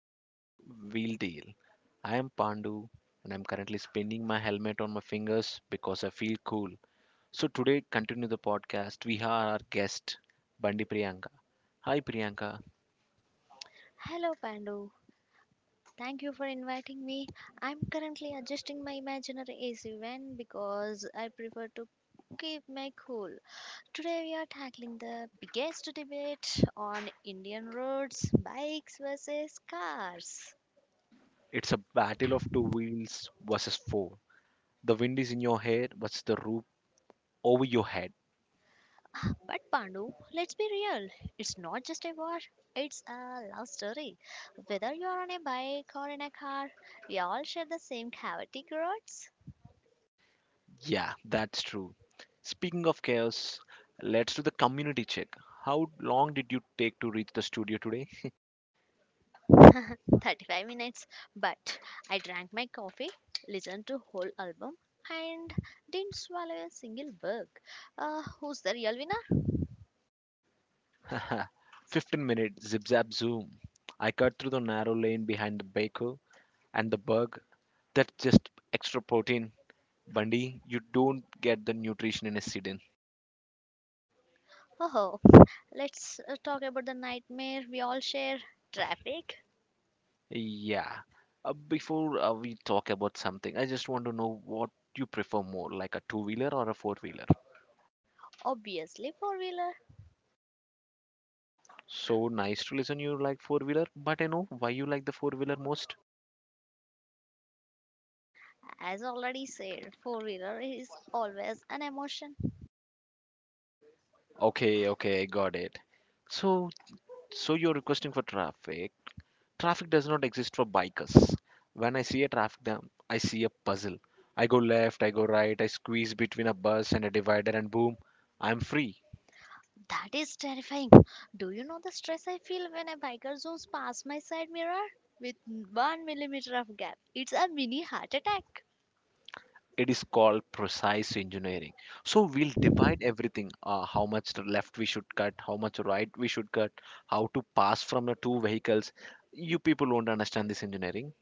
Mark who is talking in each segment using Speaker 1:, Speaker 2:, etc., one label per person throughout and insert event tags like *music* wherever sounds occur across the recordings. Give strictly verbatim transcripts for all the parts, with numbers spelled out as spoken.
Speaker 1: the topic Wheel Deal. I am Pandu and I'm currently spinning my helmet on my fingers because I feel cool. So today continue the podcast. We have our guest, Bandi Priyanka. Hi Priyanka.
Speaker 2: Hello, Pandu. Thank you for inviting me. I'm currently adjusting my imaginary A C van because I prefer to keep my cool. Today, we are tackling the biggest debate on Indian roads bikes versus cars.
Speaker 1: It's a battle of two wheels versus four. The wind is in your hair versus the roof over your head.
Speaker 2: But, Pandu, let's be real. It's not just a war, it's a love story. Whether you're on a bike or in a car, we all share the same chaotic roads.
Speaker 1: Yeah, that's true. Speaking of chaos, let's do the community check. How long did you take to reach the studio today?
Speaker 2: *laughs* thirty-five minutes, but I drank my coffee, listened to whole album, and didn't swallow a single bug. Uh, who's the real winner?
Speaker 1: *laughs* Fifteen minutes, zip zap zoom. I cut through the narrow lane behind the baker and the bug. That's just extra protein, Bundy. You don't get the nutrition in a sedan.
Speaker 2: Oh, let's uh, talk about the nightmare we all share. Traffic,
Speaker 1: Yeah. Uh, before uh, we talk about something, I just want to know what you prefer more, like a two wheeler or a four wheeler.
Speaker 2: obviously four wheeler.
Speaker 1: So nice to listen you like four wheeler, but I know why you like the four wheeler most.
Speaker 2: As already said, four wheeler is always an emotion.
Speaker 1: Okay, okay, got it. So, so you're requesting for traffic. Traffic does not exist for bikers. When I see a traffic jam, I see a puzzle. I go left, I go right, I squeeze between a bus and a divider, and boom, I'm free.
Speaker 2: That is terrifying. Do you know the stress I feel when a biker zooms past my side mirror? With one millimeter of gap, it's a mini heart attack.
Speaker 1: It is called precise engineering. So we'll divide everything: uh, how much to left we should cut, how much right we should cut, how to pass from the two vehicles. You people won't understand this engineering.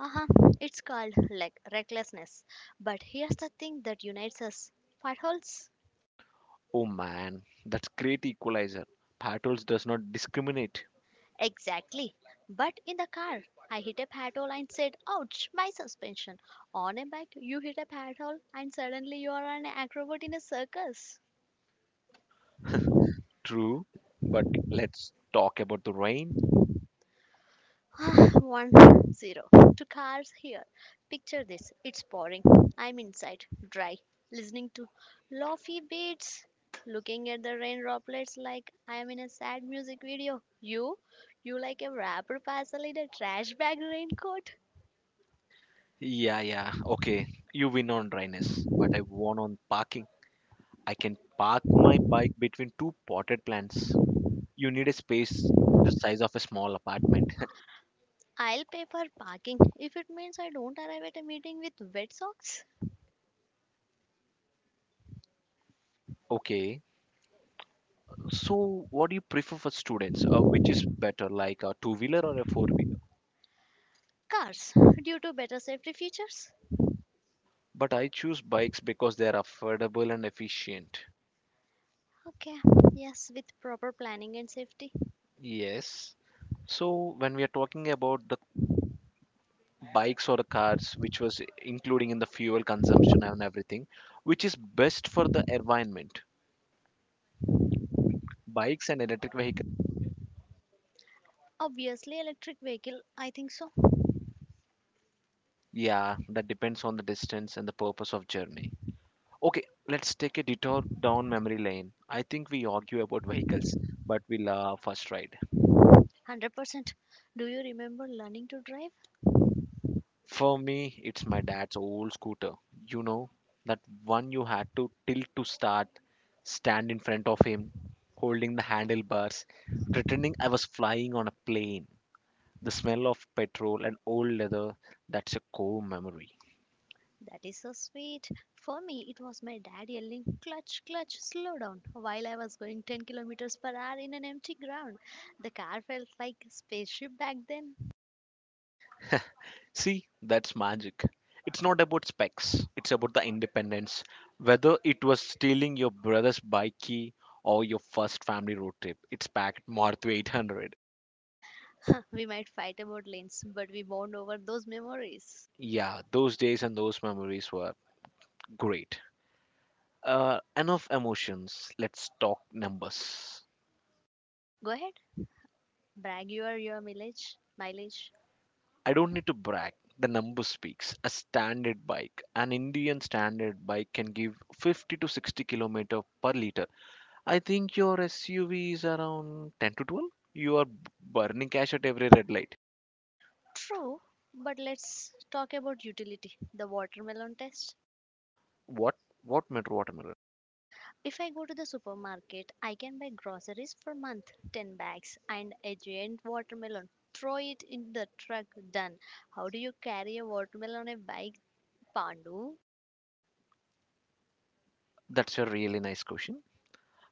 Speaker 2: Uh-huh. It's called like recklessness. But here's the thing that unites us. Potholes?
Speaker 1: Oh man, that's great equalizer. Potholes does not discriminate.
Speaker 2: Exactly. But in the car, I hit a pothole and said, ouch, my suspension. On a bike, you hit a pothole and suddenly you are an acrobat in a circus.
Speaker 1: True, but let's talk about the rain.
Speaker 2: *sighs* One zero. Two cars here. Picture this. It's pouring. I'm inside, dry, listening to lofi beats, looking at the rain droplets like I'm in a sad music video. You, you like a wrapper parcel in a trash bag raincoat.
Speaker 1: Yeah, yeah. Okay. You win on dryness, but I won on parking. I can park my bike between two potted plants. You need a space the size of a small apartment. *laughs*
Speaker 2: I'll pay for parking if it means I don't arrive at a meeting with wet socks.
Speaker 1: Okay. So, what do you prefer for students? Uh, which is better, like a two wheeler or a four wheeler?
Speaker 2: Cars, due to better safety features.
Speaker 1: But I choose bikes because they are affordable and efficient.
Speaker 2: Okay, yes, with proper planning and safety.
Speaker 1: Yes. So, when we are talking about the bikes or the cars, which was including in the fuel consumption and everything, which is best for the environment? Bikes and electric vehicles?
Speaker 2: Obviously, electric vehicle, I think so.
Speaker 1: Yeah, that depends on the distance and the purpose of journey. Okay, let's take a detour down memory lane. I think we argue about vehicles, but we love first ride.
Speaker 2: one hundred percent. Do you remember learning to drive?
Speaker 1: For me, it's my dad's old scooter. You know, that one you had to tilt to start, stand in front of him, holding the handlebars, pretending I was flying on a plane. The smell of petrol and old leather, that's a core memory.
Speaker 2: That is so sweet. For me, it was my dad yelling, clutch, clutch, slow down, while I was going ten kilometers per hour in an empty ground. The car felt like a spaceship back then.
Speaker 1: See, that's magic. It's not about specs, it's about the independence. Whether it was stealing your brother's bike key or your first family road trip, it's packed Maruti eight hundred.
Speaker 2: *laughs* We might fight about lanes, but we bond over those memories.
Speaker 1: Yeah, those days and those memories were great. Uh, enough emotions, let's talk numbers.
Speaker 2: Go ahead, brag your, your mileage. Mileage.
Speaker 1: I don't need to brag, the number speaks. A standard bike, an Indian standard bike can give fifty to sixty kilometers per liter. I think your S U V is around ten to twelve. You are b- burning cash at every red light.
Speaker 2: True, but let's talk about utility the watermelon test.
Speaker 1: What what matter watermelon?
Speaker 2: If I go to the supermarket, I can buy groceries for month, ten bags and a giant watermelon. Throw it in the truck, done. How do you carry a watermelon on a bike, Pandu?
Speaker 1: That's a really nice question.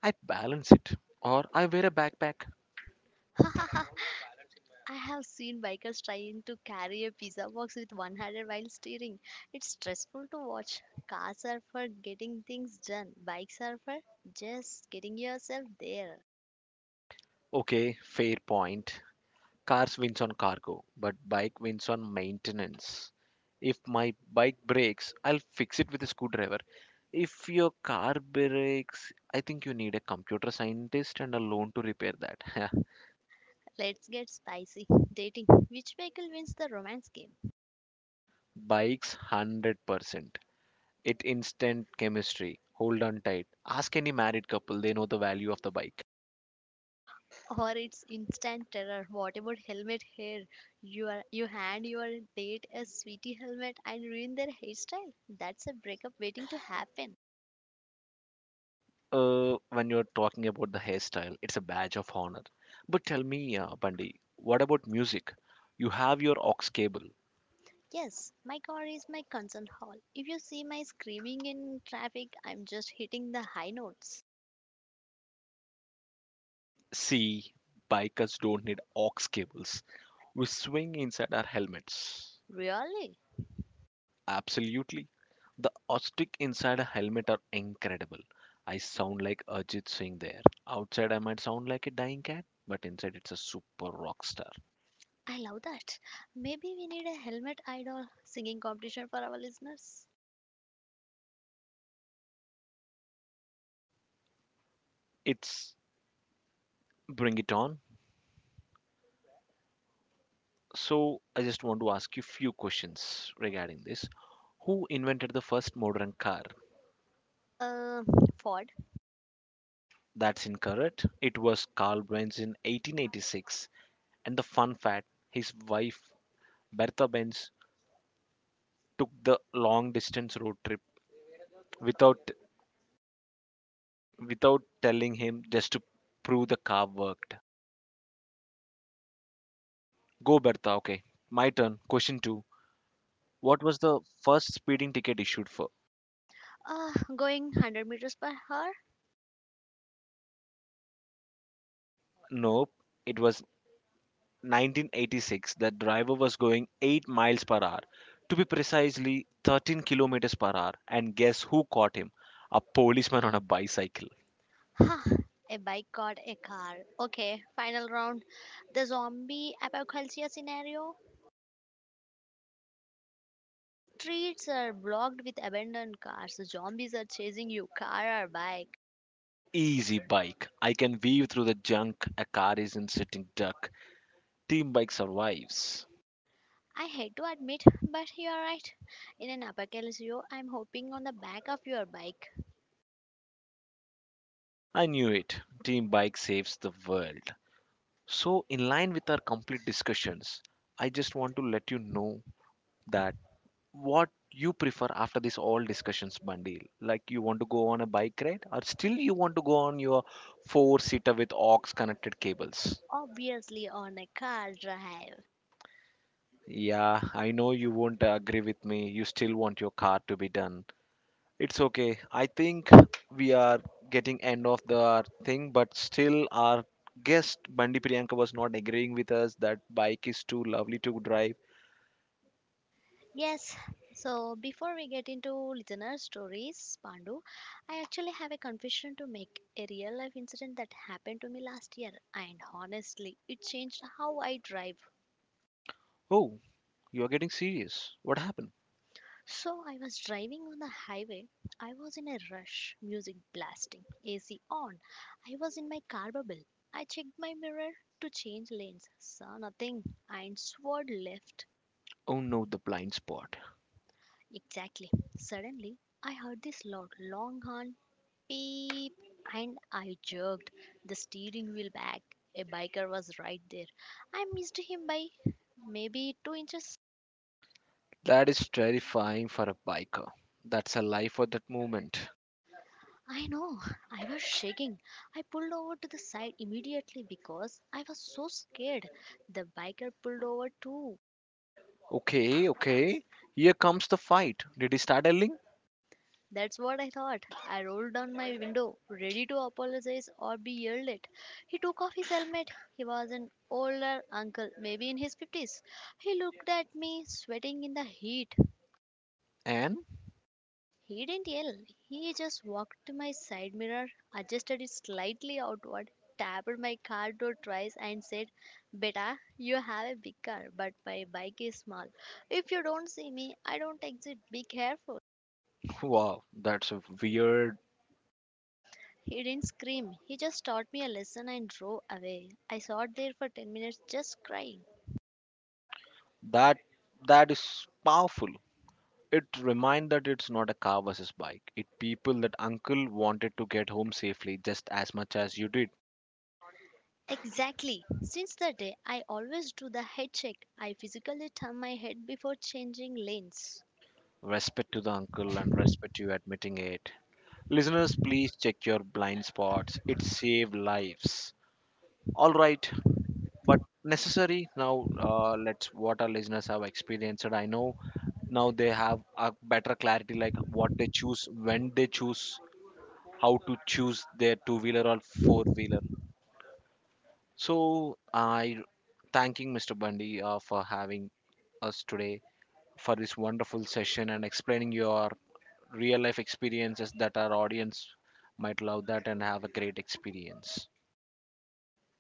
Speaker 1: I balance it. Or I wear a backpack.
Speaker 2: *laughs* I have seen bikers trying to carry a pizza box with one hand while steering. It's stressful to watch. Cars are for getting things done, bikes are for just getting yourself there.
Speaker 1: Okay, fair point. Cars wins on cargo, but bike wins on maintenance. If my bike breaks, I'll fix it with a screwdriver. If your car breaks, I think you need a computer scientist and a loan to repair that.
Speaker 2: Let's get spicy. Dating. Which vehicle wins the romance game?
Speaker 1: *laughs* Bikes one hundred percent. It instant chemistry. Hold on tight. Ask any married couple, they know the value of the bike.
Speaker 2: Or it's instant terror. What about helmet hair? You are you hand your date a sweetie helmet and ruin their hairstyle. That's a breakup waiting to happen.
Speaker 1: Uh, when you're talking about the hairstyle, it's a badge of honor. But tell me, uh, Bundy, what about music? You have your aux cable.
Speaker 2: Yes, my car is my concert hall. If you see my screaming in traffic, I'm just hitting the high notes.
Speaker 1: See, bikers don't need aux cables. We swing inside our helmets.
Speaker 2: Really?
Speaker 1: Absolutely. The acoustic inside a helmet are incredible. I sound like Ajit Singh there. Outside, I might sound like a dying cat, but inside, it's a super rock star.
Speaker 2: I love that. Maybe we need a helmet idol singing competition for our listeners.
Speaker 1: It's Bring it on. So, I just want to ask you few questions regarding this. Who invented the first modern car?
Speaker 2: Uh, Ford.
Speaker 1: That's incorrect. It was Carl Benz in eighteen eighty-six. And the fun fact his wife, Bertha Benz, took the long distance road trip without without telling him just to prove the car worked. Go, Bertha. Okay. My turn. Question two. What was the first speeding ticket issued for?
Speaker 2: Uh, going one hundred meters per hour.
Speaker 1: Nope. It was nineteen eighty-six, the driver was going eight miles per hour, to be precisely thirteen kilometers per hour. And guess who caught him? A policeman on a bicycle.
Speaker 2: Ha! A bike got a car. Okay, final round. The zombie apocalypse scenario. Streets are blocked with abandoned cars. Zombies are chasing you, car or bike.
Speaker 1: Easy bike. I can weave through the junk a car isn't sitting duck. Team bike survives.
Speaker 2: I hate to admit, but you're right. In an apocalypse, I'm hoping on the back of your bike.
Speaker 1: I knew it. Team bike saves the world. So, in line with our complete discussions, I just want to let you know that what you prefer after this all discussions bundle, like you want to go on a bike ride or still you want to go on your four seater with aux connected cables.
Speaker 2: Obviously, on a car drive.
Speaker 1: Yeah, I know you won't agree with me, you still want your car to be done. It's okay, I think we are getting end of the thing, but still our guest Bandi Priyanka was not agreeing with us that bike is too lovely to drive.
Speaker 2: Yes, so before we get into listener stories, Pandu, I actually have a confession to make a real life incident that happened to me last year, and honestly, it changed how I drive.
Speaker 1: Oh, you are getting serious, what happened?
Speaker 2: So, I was driving on the highway, I was in a rush, music blasting, A C on. I was in my car bubble. I checked my mirror to change lanes, saw nothing, and swerved left.
Speaker 1: Oh no, the blind spot.
Speaker 2: Exactly. Suddenly, I heard this loud, long horn beep, and I jerked the steering wheel back. A biker was right there. I missed him by maybe two inches.
Speaker 1: That is terrifying for a biker. That's a life or that moment.
Speaker 2: I know, I was shaking. I pulled over to the side immediately because I was so scared. The biker pulled over too.
Speaker 1: Okay, okay. Here comes the fight. Did he start yelling?
Speaker 2: That's what I thought. I rolled down my window, ready to apologize or be yelled at. He took off his helmet. He was an older uncle, maybe in his fifties. He looked at me, sweating in the heat.
Speaker 1: And
Speaker 2: He didn't yell. He just walked to my side mirror, adjusted it slightly outward, tapped my car door twice, and said, Beta, you have a big car, but my bike is small. If you don't see me, I don't exit. Be careful.
Speaker 1: wow, that's a weird.
Speaker 2: He didn't scream. He just taught me a lesson and drove away. I sat there for ten minutes just crying.
Speaker 1: That that is powerful. It reminds that it's not a car versus bike. It people that uncle wanted to get home safely just as much as you did.
Speaker 2: Exactly. Since that day, I always do the head check. I physically turn my head before changing lanes.
Speaker 1: Respect to the uncle and respect you admitting it. Listeners, please check your blind spots. It saved lives. All right, but necessary now uh, let's what our listeners have experienced. I know now they have a better clarity like what they choose, when they choose, how to choose their two wheeler or four wheeler. So I thanking Mr. Bundy, uh, for having us today for this wonderful session and explaining your real life experiences that our audience might love that and have a great experience.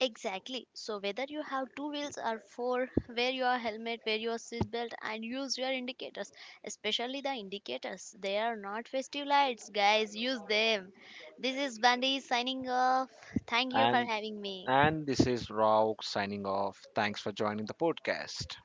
Speaker 2: Exactly. So whether you have two wheels or four, wear your helmet, wear your seatbelt, and use your indicators. Especially the indicators. They are not festive lights, guys. Use them. This is Bandi signing off. Thank you for
Speaker 1: and
Speaker 2: having me.
Speaker 1: And this is Rauk signing off. Thanks for joining the podcast.